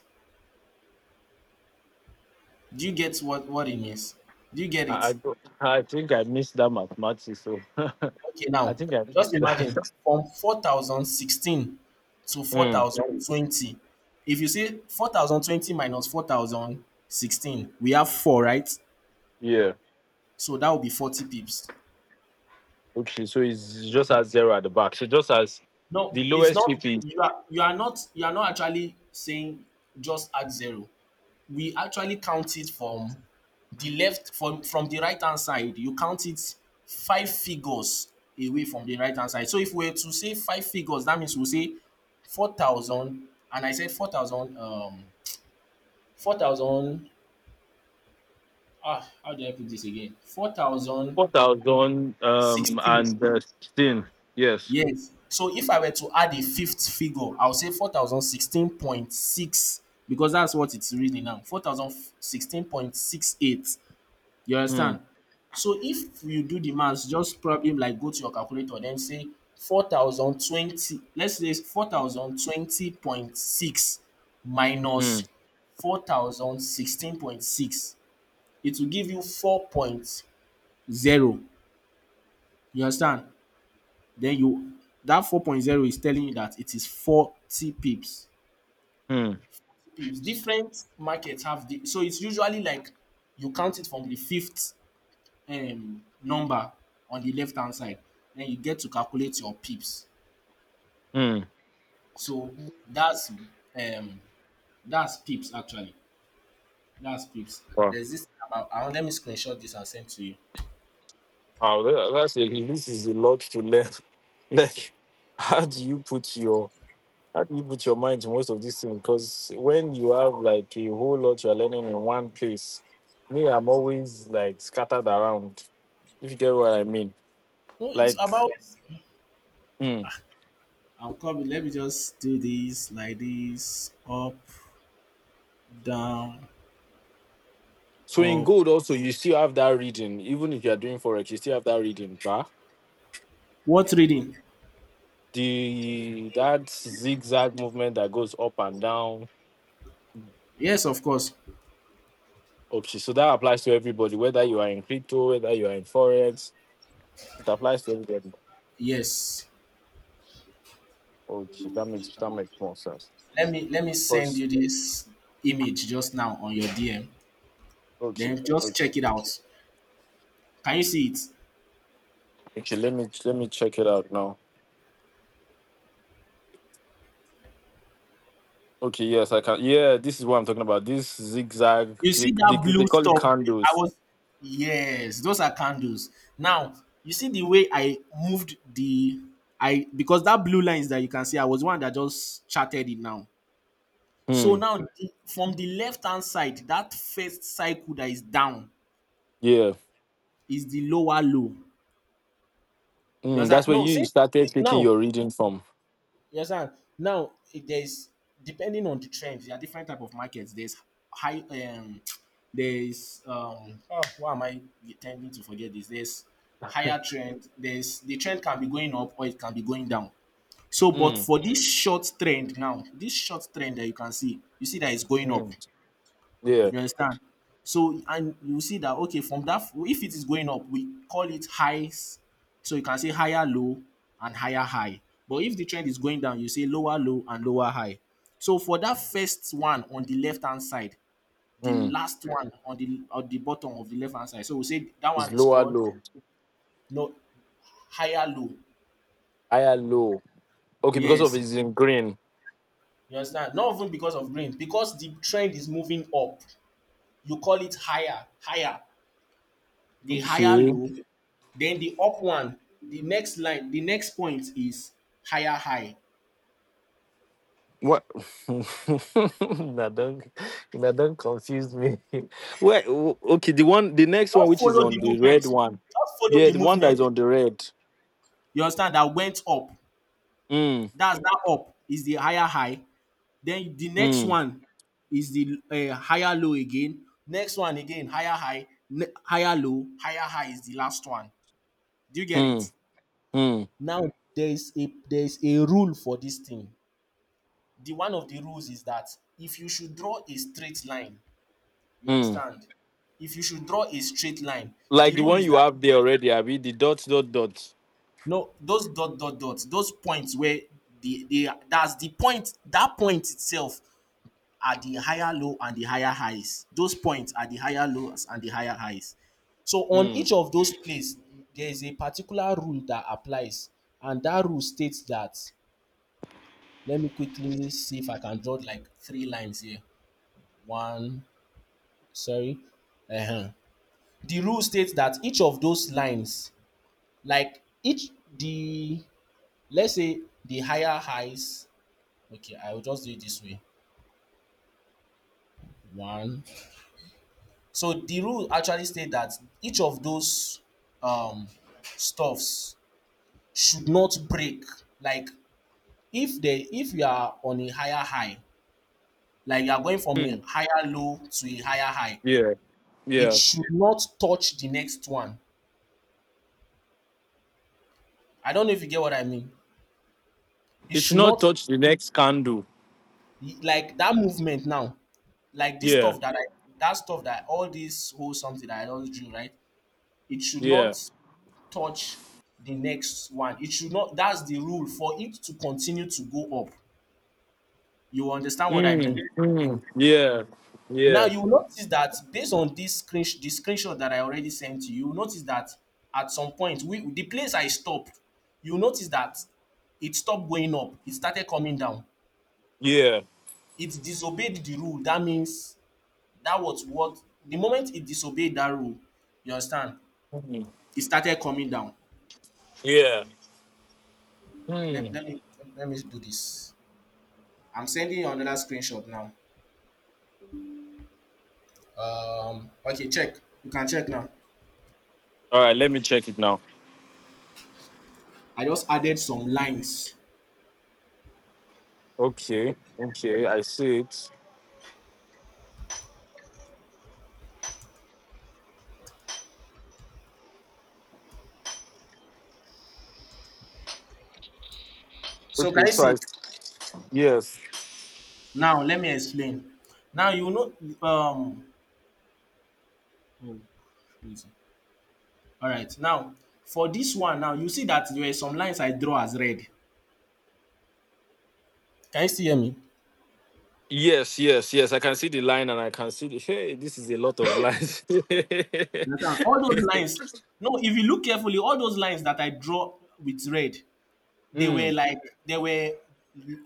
[SPEAKER 1] Do you get what it means? Do you get
[SPEAKER 2] I
[SPEAKER 1] it?
[SPEAKER 2] don't- I think I missed that mathematics. So,
[SPEAKER 1] Okay,
[SPEAKER 2] I
[SPEAKER 1] now
[SPEAKER 2] think I
[SPEAKER 1] just
[SPEAKER 2] missed
[SPEAKER 1] imagine
[SPEAKER 2] that.
[SPEAKER 1] from 4016 to
[SPEAKER 2] Hmm,
[SPEAKER 1] 4020. If you see 4020 minus 4016, we have four, right?
[SPEAKER 2] yeah.
[SPEAKER 1] So that will be 40 pips.
[SPEAKER 2] Okay. So it's just as zero at the back. So just as
[SPEAKER 1] No,
[SPEAKER 2] the
[SPEAKER 1] it's
[SPEAKER 2] lowest
[SPEAKER 1] not,
[SPEAKER 2] chip is
[SPEAKER 1] you are, you are not, you are not actually saying just add zero. We actually count it from the left from the right hand side, you count it five figures away from the right hand side. So if we were to say five figures, that means we'll say 4,000 and I said 4,000 4,000 ah how do I put this again? four thousand
[SPEAKER 2] 4,000
[SPEAKER 1] sixteen
[SPEAKER 2] and 16. Yes.
[SPEAKER 1] Yes, so if I were to add a fifth figure, I'll say four thousand 16.6, because that's what it's really, now, four thousand 16.68. You
[SPEAKER 2] Hmm.
[SPEAKER 1] understand? So if you do the maths, just, probably like, go to your calculator then say 4,020, let's say four thousand 20.6
[SPEAKER 2] Hmm.
[SPEAKER 1] minus four thousand 16.6, it will give you four point zero. You understand? Then, you that four point zero is telling you that it is 40 pips.
[SPEAKER 2] Hmm.
[SPEAKER 1] Pips. Different markets have the So it's usually like, you count it from the fifth number on the left hand side, then you get to calculate your pips.
[SPEAKER 2] Hmm.
[SPEAKER 1] So that's um that's pips, actually. That's pips.
[SPEAKER 2] Wow.
[SPEAKER 1] There's this about, let me screenshot this and send to you.
[SPEAKER 2] How this is a lot to learn. Like, how do you put your how do you put your mind to most of these things? Because when you have like a whole lot you're learning in one place, me, I'm always like scattered around. If you get what I mean,
[SPEAKER 1] No it's
[SPEAKER 2] like,
[SPEAKER 1] about
[SPEAKER 2] mm.
[SPEAKER 1] I will coming Let me just do this, like this. Up, down.
[SPEAKER 2] So in
[SPEAKER 1] Up.
[SPEAKER 2] gold also you still have that reading, even if you are doing forex, you still have that reading, bruh.
[SPEAKER 1] What reading?
[SPEAKER 2] The That zigzag movement that goes up and down.
[SPEAKER 1] Yes, of course.
[SPEAKER 2] Okay, so that applies to everybody, whether you are in crypto, whether you are in forex. It applies to everybody.
[SPEAKER 1] Yes.
[SPEAKER 2] Okay, that makes more sense.
[SPEAKER 1] Let me send you this image just now on your DM,
[SPEAKER 2] Okay,
[SPEAKER 1] then just check
[SPEAKER 2] okay,
[SPEAKER 1] it out. Can you see it?
[SPEAKER 2] okay. Let me check it out now. Okay, yes, I can. Yeah, this is what I'm talking about. This zigzag,
[SPEAKER 1] You
[SPEAKER 2] they,
[SPEAKER 1] see
[SPEAKER 2] they,
[SPEAKER 1] that blue
[SPEAKER 2] they call it
[SPEAKER 1] stuff? I
[SPEAKER 2] candles.
[SPEAKER 1] was Yes, those are candles. Now you see the way I moved the I because that blue lines that you can see, I was the one that just charted it now. So
[SPEAKER 2] Hmm.
[SPEAKER 1] now, the, from the left hand side, that first cycle that is down
[SPEAKER 2] Yeah.
[SPEAKER 1] is the lower low. You
[SPEAKER 2] Hmm. That's
[SPEAKER 1] understand?
[SPEAKER 2] where
[SPEAKER 1] No.
[SPEAKER 2] you
[SPEAKER 1] Since
[SPEAKER 2] started taking
[SPEAKER 1] now.
[SPEAKER 2] your reading from.
[SPEAKER 1] Yes, and now, if there's depending on the trends, there are different type of markets. There's high there's um oh, why am I tending to forget this? There's higher trend, the trend can be going up or it can be going down. So, but
[SPEAKER 2] Hmm.
[SPEAKER 1] for this short trend now, this short trend that you can see, you see that it's going up.
[SPEAKER 2] Hmm. Yeah.
[SPEAKER 1] You understand? So, and you see that, okay, from that, if it is going up, we call it highs. So you can say higher low and higher high. But if the trend is going down, you say lower low and lower high. So for that first one on the left hand side, the
[SPEAKER 2] Hmm.
[SPEAKER 1] last one on the bottom of the left hand side. So we say that
[SPEAKER 2] It's
[SPEAKER 1] one is
[SPEAKER 2] lower
[SPEAKER 1] called
[SPEAKER 2] low,
[SPEAKER 1] no, higher low.
[SPEAKER 2] higher low. Okay, because of
[SPEAKER 1] Yes.
[SPEAKER 2] it's in green.
[SPEAKER 1] You understand? Not even because of green, because the trend is moving up. You call it higher
[SPEAKER 2] Okay.
[SPEAKER 1] low, then the up one, the next line, the next point is higher high.
[SPEAKER 2] What? now don't, now don't confuse me. Wait, okay, the next one, which is on the red one.
[SPEAKER 1] Just follow
[SPEAKER 2] Yeah,
[SPEAKER 1] the
[SPEAKER 2] the one that is
[SPEAKER 1] movement.
[SPEAKER 2] on the red.
[SPEAKER 1] You understand that went up.
[SPEAKER 2] Mm,
[SPEAKER 1] That up is the higher high. Then the next
[SPEAKER 2] mm,
[SPEAKER 1] one is the higher low again. Next one again, higher high, higher low, higher high is the last one. Do you get it?
[SPEAKER 2] mm, mm,
[SPEAKER 1] Now there is a rule for this thing. The one of the rules is that if you should draw a straight line. You
[SPEAKER 2] mm.
[SPEAKER 1] understand? If you should draw a straight line, the
[SPEAKER 2] Like the
[SPEAKER 1] rule
[SPEAKER 2] one
[SPEAKER 1] is
[SPEAKER 2] you
[SPEAKER 1] that
[SPEAKER 2] have there already, Abby, the dot, dot, dot.
[SPEAKER 1] no, those dot dot dots, those points where the they that's the point that point itself are the higher low and the higher highs. Those points are the higher lows and the higher highs. So on
[SPEAKER 2] Mm,
[SPEAKER 1] each of those places, there is a particular rule that applies, and that rule states that. Let me quickly see if I can draw like three lines here. One, sorry. Uh-huh. The rule states that each of those lines, like each the let's say the higher highs, okay, I will just do it this way. One, so the rule actually state that each of those um stuffs should not break. Like, if they if you are on a higher high, like you are going from a
[SPEAKER 2] mm.
[SPEAKER 1] higher low to a higher high,
[SPEAKER 2] Yeah,
[SPEAKER 1] it
[SPEAKER 2] yeah.
[SPEAKER 1] should not touch the next one. I don't know if you get what I mean. It
[SPEAKER 2] It should
[SPEAKER 1] should
[SPEAKER 2] not
[SPEAKER 1] not,
[SPEAKER 2] touch the next candle.
[SPEAKER 1] like that movement now, like this
[SPEAKER 2] Yeah,
[SPEAKER 1] stuff that I that stuff that all this whole something that I just do right, it should
[SPEAKER 2] yeah.
[SPEAKER 1] not touch the next one. It should not. That's the rule for it to continue to go up. You understand what I
[SPEAKER 2] Mm,
[SPEAKER 1] mean? In-
[SPEAKER 2] mm, yeah,
[SPEAKER 1] Now
[SPEAKER 2] yeah,
[SPEAKER 1] you will notice that based on this screenshot that I already sent you, you will notice that at some point, we, the place I stopped, you will notice that it stopped going up, it started coming down.
[SPEAKER 2] yeah,
[SPEAKER 1] It disobeyed the rule. That means that was what, the moment it disobeyed that rule, you understand,
[SPEAKER 2] mm,
[SPEAKER 1] it started coming down.
[SPEAKER 2] yeah.
[SPEAKER 1] let,
[SPEAKER 2] Mm.
[SPEAKER 1] let me, let me do this. I'm sending you another screenshot now. Okay, check. You can check now.
[SPEAKER 2] All right, let me check it now.
[SPEAKER 1] I just added some lines.
[SPEAKER 2] Okay, okay, I see it.
[SPEAKER 1] So can
[SPEAKER 2] Okay,
[SPEAKER 1] you
[SPEAKER 2] so
[SPEAKER 1] see
[SPEAKER 2] I
[SPEAKER 1] it?
[SPEAKER 2] yes,
[SPEAKER 1] Now let me explain. Now you know, um oh, crazy! All right, now for this one now, you see that there were some lines I draw as red. Can you still hear me?
[SPEAKER 2] yes, yes, yes. I can see the line, and I can see the hey. This is a lot of lines.
[SPEAKER 1] You understand? All those lines, no, if you look carefully, all those lines that I draw with red, they
[SPEAKER 2] Hmm.
[SPEAKER 1] were like, they were,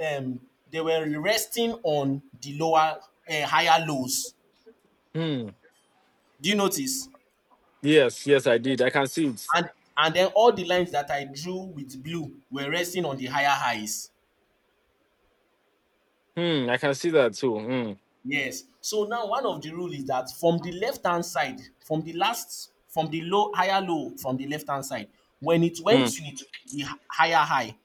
[SPEAKER 1] they were resting on the lower, higher lows.
[SPEAKER 2] Hmm.
[SPEAKER 1] Do you notice?
[SPEAKER 2] Yes. Yes, I did. I can see it.
[SPEAKER 1] and and then all the lines that I drew with blue were resting on the higher highs.
[SPEAKER 2] Hmm. I can see that too. Hmm.
[SPEAKER 1] Yes. So now one of the rule is that from the left hand side, from the last, from the low higher low from the left hand side, when it went
[SPEAKER 2] Hmm.
[SPEAKER 1] to the higher high,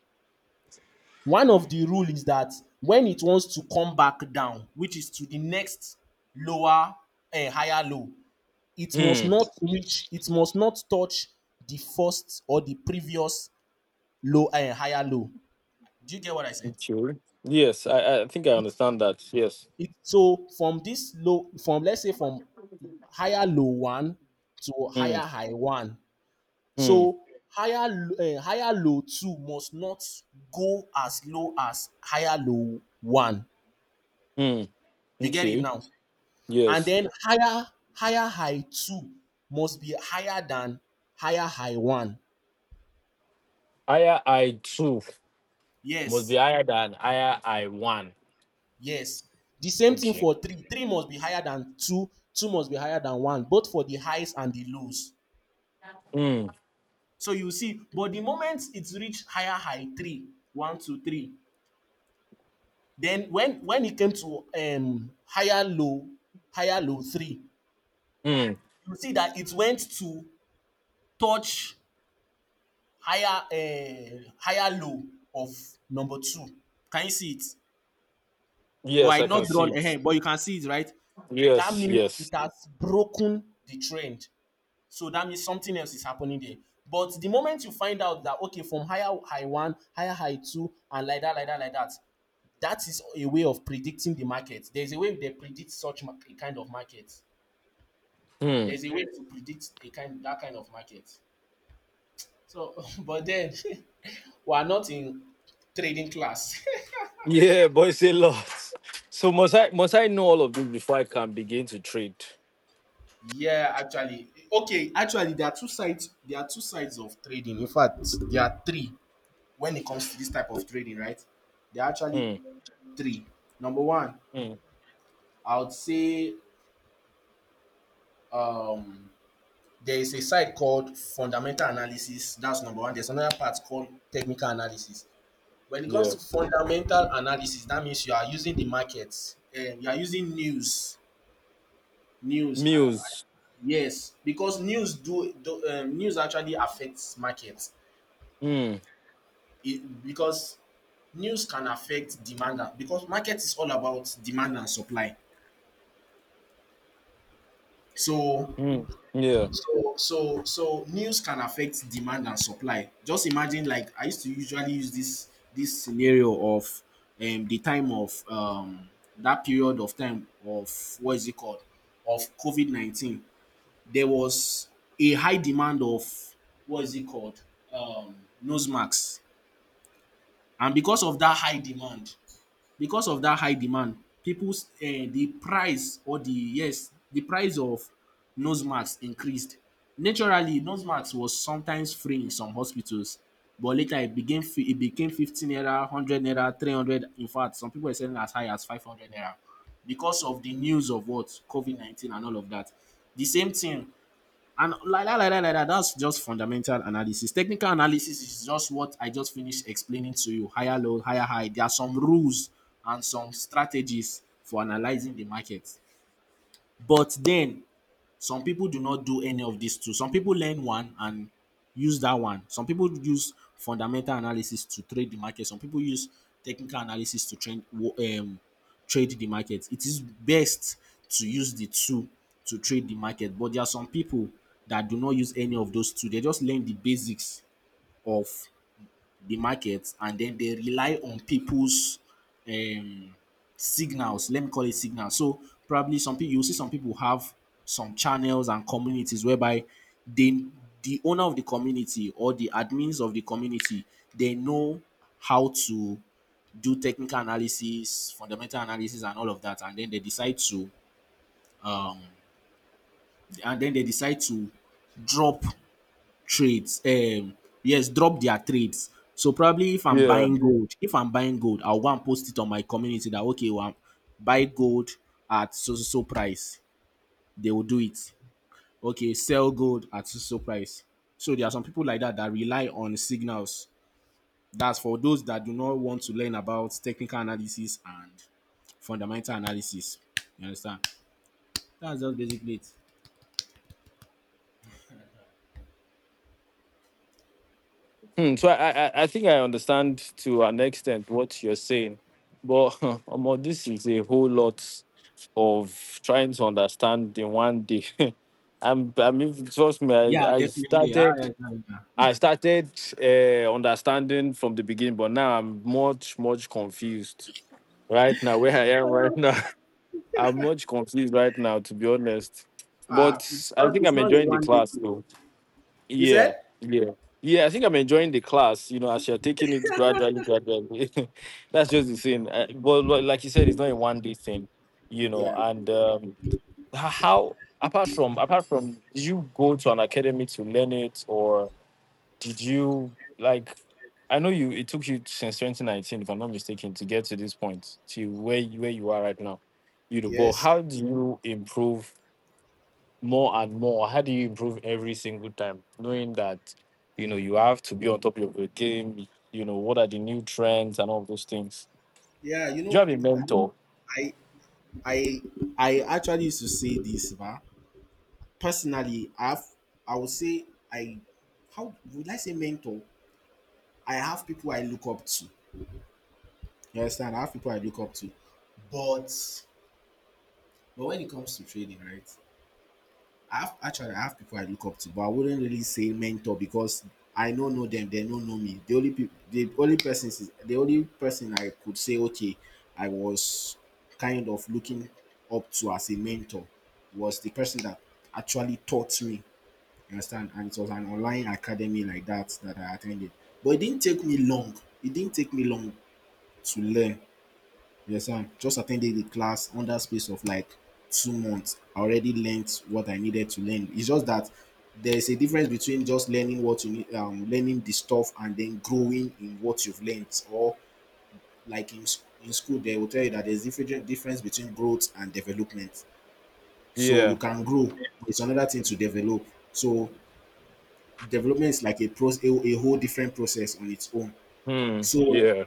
[SPEAKER 1] one of the rule is that when it wants to come back down, which is to the next lower and higher low, it must
[SPEAKER 2] Hmm.
[SPEAKER 1] not reach, it must not touch the first or the previous low and higher low. Do you get what I said?
[SPEAKER 2] Okay. Yes. I think I
[SPEAKER 1] It's
[SPEAKER 2] understand that. Yes.
[SPEAKER 1] it so from this low, from let's say from higher low one to
[SPEAKER 2] Hmm.
[SPEAKER 1] higher high one.
[SPEAKER 2] Hmm.
[SPEAKER 1] So higher, higher low two must not go as low as higher low one.
[SPEAKER 2] Hmm.
[SPEAKER 1] You get it
[SPEAKER 2] Okay.
[SPEAKER 1] now? And
[SPEAKER 2] Yes.
[SPEAKER 1] then higher high two must be higher than higher high one.
[SPEAKER 2] I two must
[SPEAKER 1] Yes.
[SPEAKER 2] be higher than I one.
[SPEAKER 1] Yes. The same thing
[SPEAKER 2] Okay.
[SPEAKER 1] for three. Three must be higher than two. Two must be higher than one, both for the highs and the lows.
[SPEAKER 2] Hmm.
[SPEAKER 1] So you see, but the moment it's reached higher high three, one, two, three, then when it came to higher low three,
[SPEAKER 2] Hmm,
[SPEAKER 1] you see that it went to touch higher, higher low of number two. Can you see it? But
[SPEAKER 2] yes,
[SPEAKER 1] I
[SPEAKER 2] I
[SPEAKER 1] not
[SPEAKER 2] can
[SPEAKER 1] draw
[SPEAKER 2] see it.
[SPEAKER 1] ahead, but you can see it, right? That
[SPEAKER 2] Yes,
[SPEAKER 1] means
[SPEAKER 2] yes.
[SPEAKER 1] it has broken the trend. So that means something else is happening there. But the moment you find out that okay, from higher high one, higher high two, and like that, like that, like that, that is a way of predicting the market. There's a way they predict such a kind of market.
[SPEAKER 2] Hmm.
[SPEAKER 1] There's a way to predict a kind that kind of market. So, but then we are not in trading class.
[SPEAKER 2] Yeah, but it's a lot. So must I know all of this before I can begin to trade?
[SPEAKER 1] Yeah, actually, okay, actually, there are two sides. There are two sides of trading. In fact, there are three when it comes to this type of trading, right? There are actually
[SPEAKER 2] Hmm.
[SPEAKER 1] three. Number one,
[SPEAKER 2] Hmm.
[SPEAKER 1] I would say, um, there is a side called fundamental analysis. That's number one. There's another part called technical analysis. When it comes
[SPEAKER 2] Yeah.
[SPEAKER 1] to fundamental analysis, that means you are using the markets. You are using news. News.
[SPEAKER 2] Meals.
[SPEAKER 1] Yes, because news do, news actually affects markets.
[SPEAKER 2] Hmm.
[SPEAKER 1] It, because news can affect demand, because market is all about demand and supply. So
[SPEAKER 2] Hmm. Yeah.
[SPEAKER 1] so so news can affect demand and supply. Just imagine, like I used to usually use this scenario of, the time of, that period of time of, what is it called, of COVID 19. There was a high demand of, what is it called, um nose masks, and because of that high demand, people's the price or the yes, the price of nose masks increased. Naturally, nose masks was sometimes free in some hospitals, but later it became it became 15 naira, 100 naira, 300. In fact, some people are selling as high as 500 naira because of the news of what COVID-19 and all of that. The same thing, and like that, like that, like that, that's just fundamental analysis. Technical analysis is just what I just finished explaining to you. Higher low, higher high. There are some rules and some strategies for analyzing the market. But then some people do not do any of these two. Some people learn one and use that one. Some people use fundamental analysis to trade the market. Some people use technical analysis to train, um, trade the market. It is best to use the two to trade the market, but there are some people that do not use any of those two. They just learn the basics of the market, and then they rely on people's, um, signals. Let me call it signals. So probably some people, you see some people have some channels and communities whereby they the owner of the community or the admins of the community, they know how to do technical analysis, fundamental analysis, and all of that, and then they decide to drop trades yes, drop their trades. So probably if
[SPEAKER 2] Yeah.
[SPEAKER 1] I'm buying gold, I'll go and post it on my community that okay, well, I'm buy gold at so so so price. They will do it. Okay, sell gold at so so price. So there are some people like that that rely on signals. That's for those that do not want to learn about technical analysis and fundamental analysis. You understand? That's just basically it.
[SPEAKER 2] Hmm. So I think I understand to an extent what you're saying, but Omo, this is a whole lot of trying to understand in one day. I mean trust me,
[SPEAKER 1] Yeah,
[SPEAKER 2] I, I
[SPEAKER 1] definitely. Ah, yeah,
[SPEAKER 2] started
[SPEAKER 1] yeah, yeah.
[SPEAKER 2] I started uh, understanding from the beginning, but now I'm much, much confused right now. Where I am right now, I'm much confused right now, to be honest.
[SPEAKER 1] Uh,
[SPEAKER 2] But
[SPEAKER 1] it's
[SPEAKER 2] I
[SPEAKER 1] not
[SPEAKER 2] think
[SPEAKER 1] it's
[SPEAKER 2] I'm
[SPEAKER 1] not a
[SPEAKER 2] enjoying the
[SPEAKER 1] one day
[SPEAKER 2] class,
[SPEAKER 1] thing.
[SPEAKER 2] though.
[SPEAKER 1] You
[SPEAKER 2] Yeah,
[SPEAKER 1] said.
[SPEAKER 2] yeah, yeah. I think I'm enjoying the class. You know, as you're taking it gradually, gradually. That's just the thing. But like you said, it's not a one day thing. You know, and how apart from did you go to an academy to learn it or? Did you like? I know you. It took you since 2019, if I'm not mistaken, to get to this point, to where you are right now. You know, but how do you improve more and more? How do you improve every single time, knowing that you know you have to be on top of your game? You know, what are the new trends and all those things?
[SPEAKER 1] Yeah, you
[SPEAKER 2] Do you
[SPEAKER 1] know,
[SPEAKER 2] have a mentor?
[SPEAKER 1] I I I actually used to say this, but personally, I've, I would say, I, how would I say mentor? I have people I look up to. You understand? I have people I look up to. But but when it comes to trading, right? I have, actually I have people I look up to, but I wouldn't really say mentor because I don't know them. They don't know me. The only people, the only person, the only person I could say, okay, I was kind of looking up to as a mentor was the person that actually taught me. You understand? And it was an online academy like that that I attended. But it didn't take me long. It didn't take me long to learn. Yes, understand? Just attended the class under space of like 2 months. I already learned what I needed to learn. It's just that there's a difference between just learning what you need, learning the stuff, and then growing in what you've learned. Or like in in school, they will tell you that there's different difference between growth and development. So you
[SPEAKER 2] Yeah.
[SPEAKER 1] can grow, but it's another thing to develop. So development is like a process, a whole different process on its own.
[SPEAKER 2] Hmm.
[SPEAKER 1] So
[SPEAKER 2] Yeah.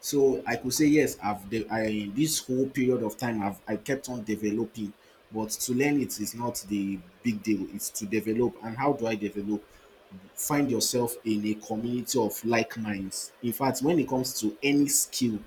[SPEAKER 1] So I could say yes, I, this whole period of time I kept on developing, but to learn it is not the big deal. It's to develop, and how do I develop? Find yourself in a community of like minds. In fact, when it comes to any skill,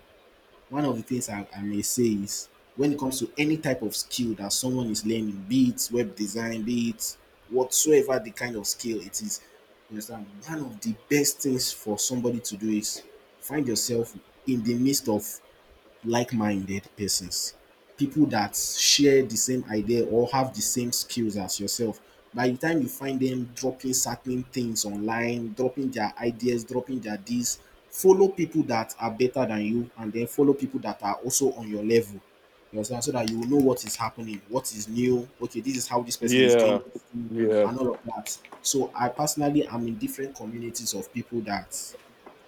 [SPEAKER 1] one of the things I may say is, when it comes to any type of skill that someone is learning, be it web design, be it whatsoever the kind of skill it is, you understand, one of the best things for somebody to do is find yourself in the midst of like-minded persons, people that share the same idea or have the same skills as yourself. By the time you find them dropping certain things online, dropping their ideas, dropping their this, follow people that are better than you and then follow people that are also on your level. You understand? So that you will know what is happening, what is new. Okay, this is how this person is doing
[SPEAKER 2] Yeah.
[SPEAKER 1] this thing
[SPEAKER 2] Yeah.
[SPEAKER 1] and all of that. So I personally am in different communities of people that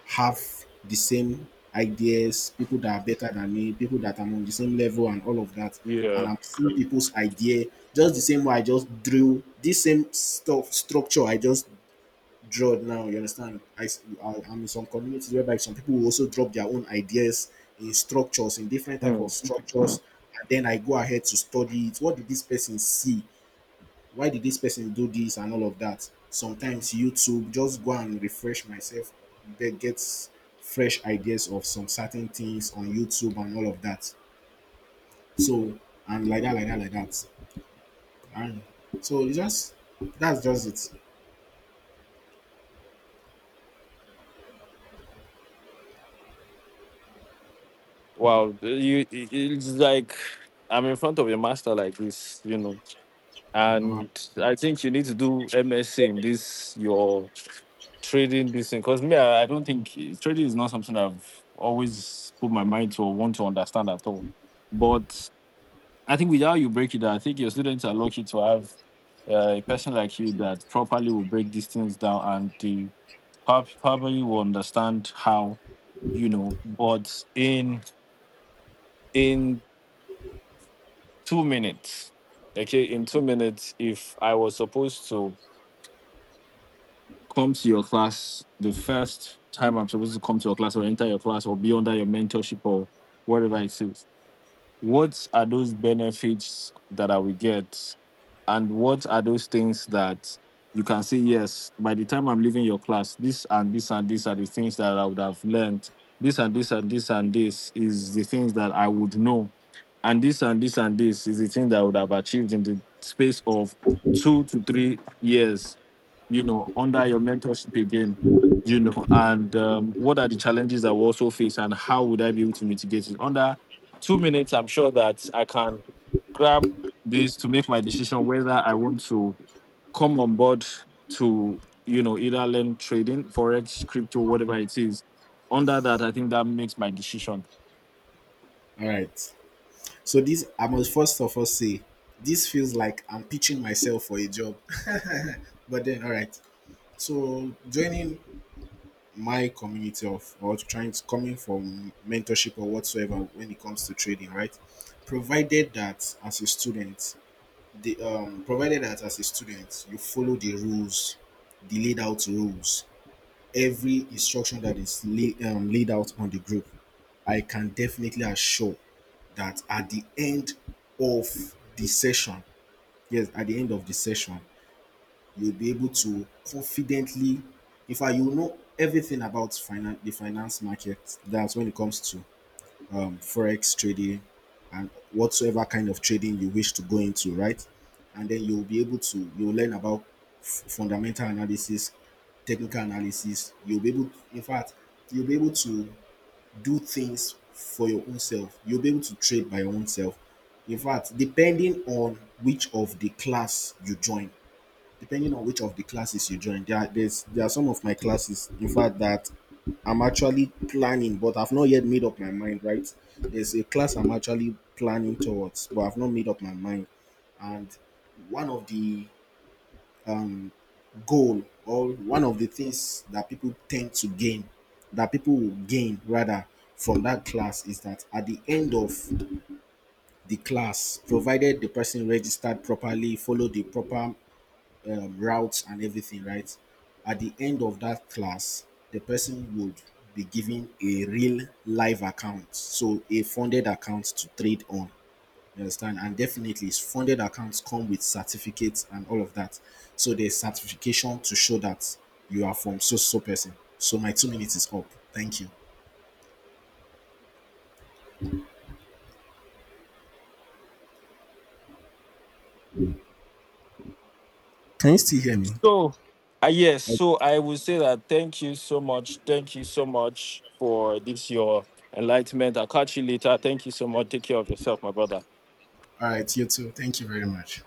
[SPEAKER 1] have the same ideas, people that are better than me, people that are on the same level, and all of that. And
[SPEAKER 2] Yeah.
[SPEAKER 1] I'm seeing people's idea just the same way I just drew this same stuff structure I just drew now. You understand? I am in some communities whereby some people will also drop their own ideas in structures, in different type of
[SPEAKER 2] Hmm.
[SPEAKER 1] structures, and then I go ahead to study it. What did this person see? Why did this person do this and all of that? Sometimes YouTube, just go and refresh myself, that gets fresh ideas of some certain things on YouTube and all of that. So, and like that, like that, like that, and so it's just, that's just it.
[SPEAKER 2] Wow. It's like I'm in front of a master like this. You know. And I think you need to do MSc in this your trading this thing. Because me, I don't think trading is not something I've always put my mind to or want to understand at all. But I think without you break it down, I think your students are lucky to have a person like you that properly will break these things down and they probably will understand how. But in 2 minutes, okay, in 2 minutes, if I was supposed to come to your class the first time I'm supposed to come to your class or enter your class or be under your mentorship or whatever it is, what are those benefits that I will get? And what are those things that you can say, yes, by the time I'm leaving your class, this and this and this are the things that I would have learned. This and this and this and this is the things that I would know. And this and this and this is the thing that I would have achieved in the space of two to three years, under your mentorship again, and what are the challenges that we also face and how would I be able to mitigate it? Under 2 minutes, I'm sure that I can grab this to make my decision whether I want to come on board to, either learn trading, forex, crypto, whatever it is. Under that, I think that makes my decision.
[SPEAKER 1] All right, so this, I must first of all say this feels like I'm pitching myself for a job. But then, all right, so joining my community of, or trying to coming from mentorship or whatsoever when it comes to trading, right? Provided that as a student, you follow the rules, the laid out rules, every instruction that is laid out on the group, I can definitely assure that at the end of the session, yes, at the end of the session, you'll be able to confidently, in fact, you will know everything about the finance market. That's when it comes to forex trading and whatsoever kind of trading you wish to go into, right? And then you'll be able to, you'll learn about fundamental analysis, technical analysis. You'll be able, in fact, you'll be able to do things for your own self. You'll be able to trade by your own self. In fact, depending on which of the class you join, depending on which of the classes you join, there are some of my classes, in fact, that I'm actually planning, but I've not yet made up my mind. Right, there's a class I'm actually planning towards but I've not made up my mind. And one of the um, goal, or one of the things that people tend to gain, that people will gain rather, from that class is that at the end of the class, provided the person registered properly, followed the proper routes and everything, right? At the end of that class, the person would be given a real live account, so a funded account to trade on. You understand? And definitely, funded accounts come with certificates and all of that. So there's certification to show that you are from so so person. So my 2 minutes is up. Thank you. Can you still hear me?
[SPEAKER 2] So, yes,
[SPEAKER 1] All
[SPEAKER 2] so I would say that thank you so much. Thank you so much for this, your enlightenment. I'll catch you later. Thank you so much. Take care of yourself, my brother.
[SPEAKER 1] right, you too. Thank you very much.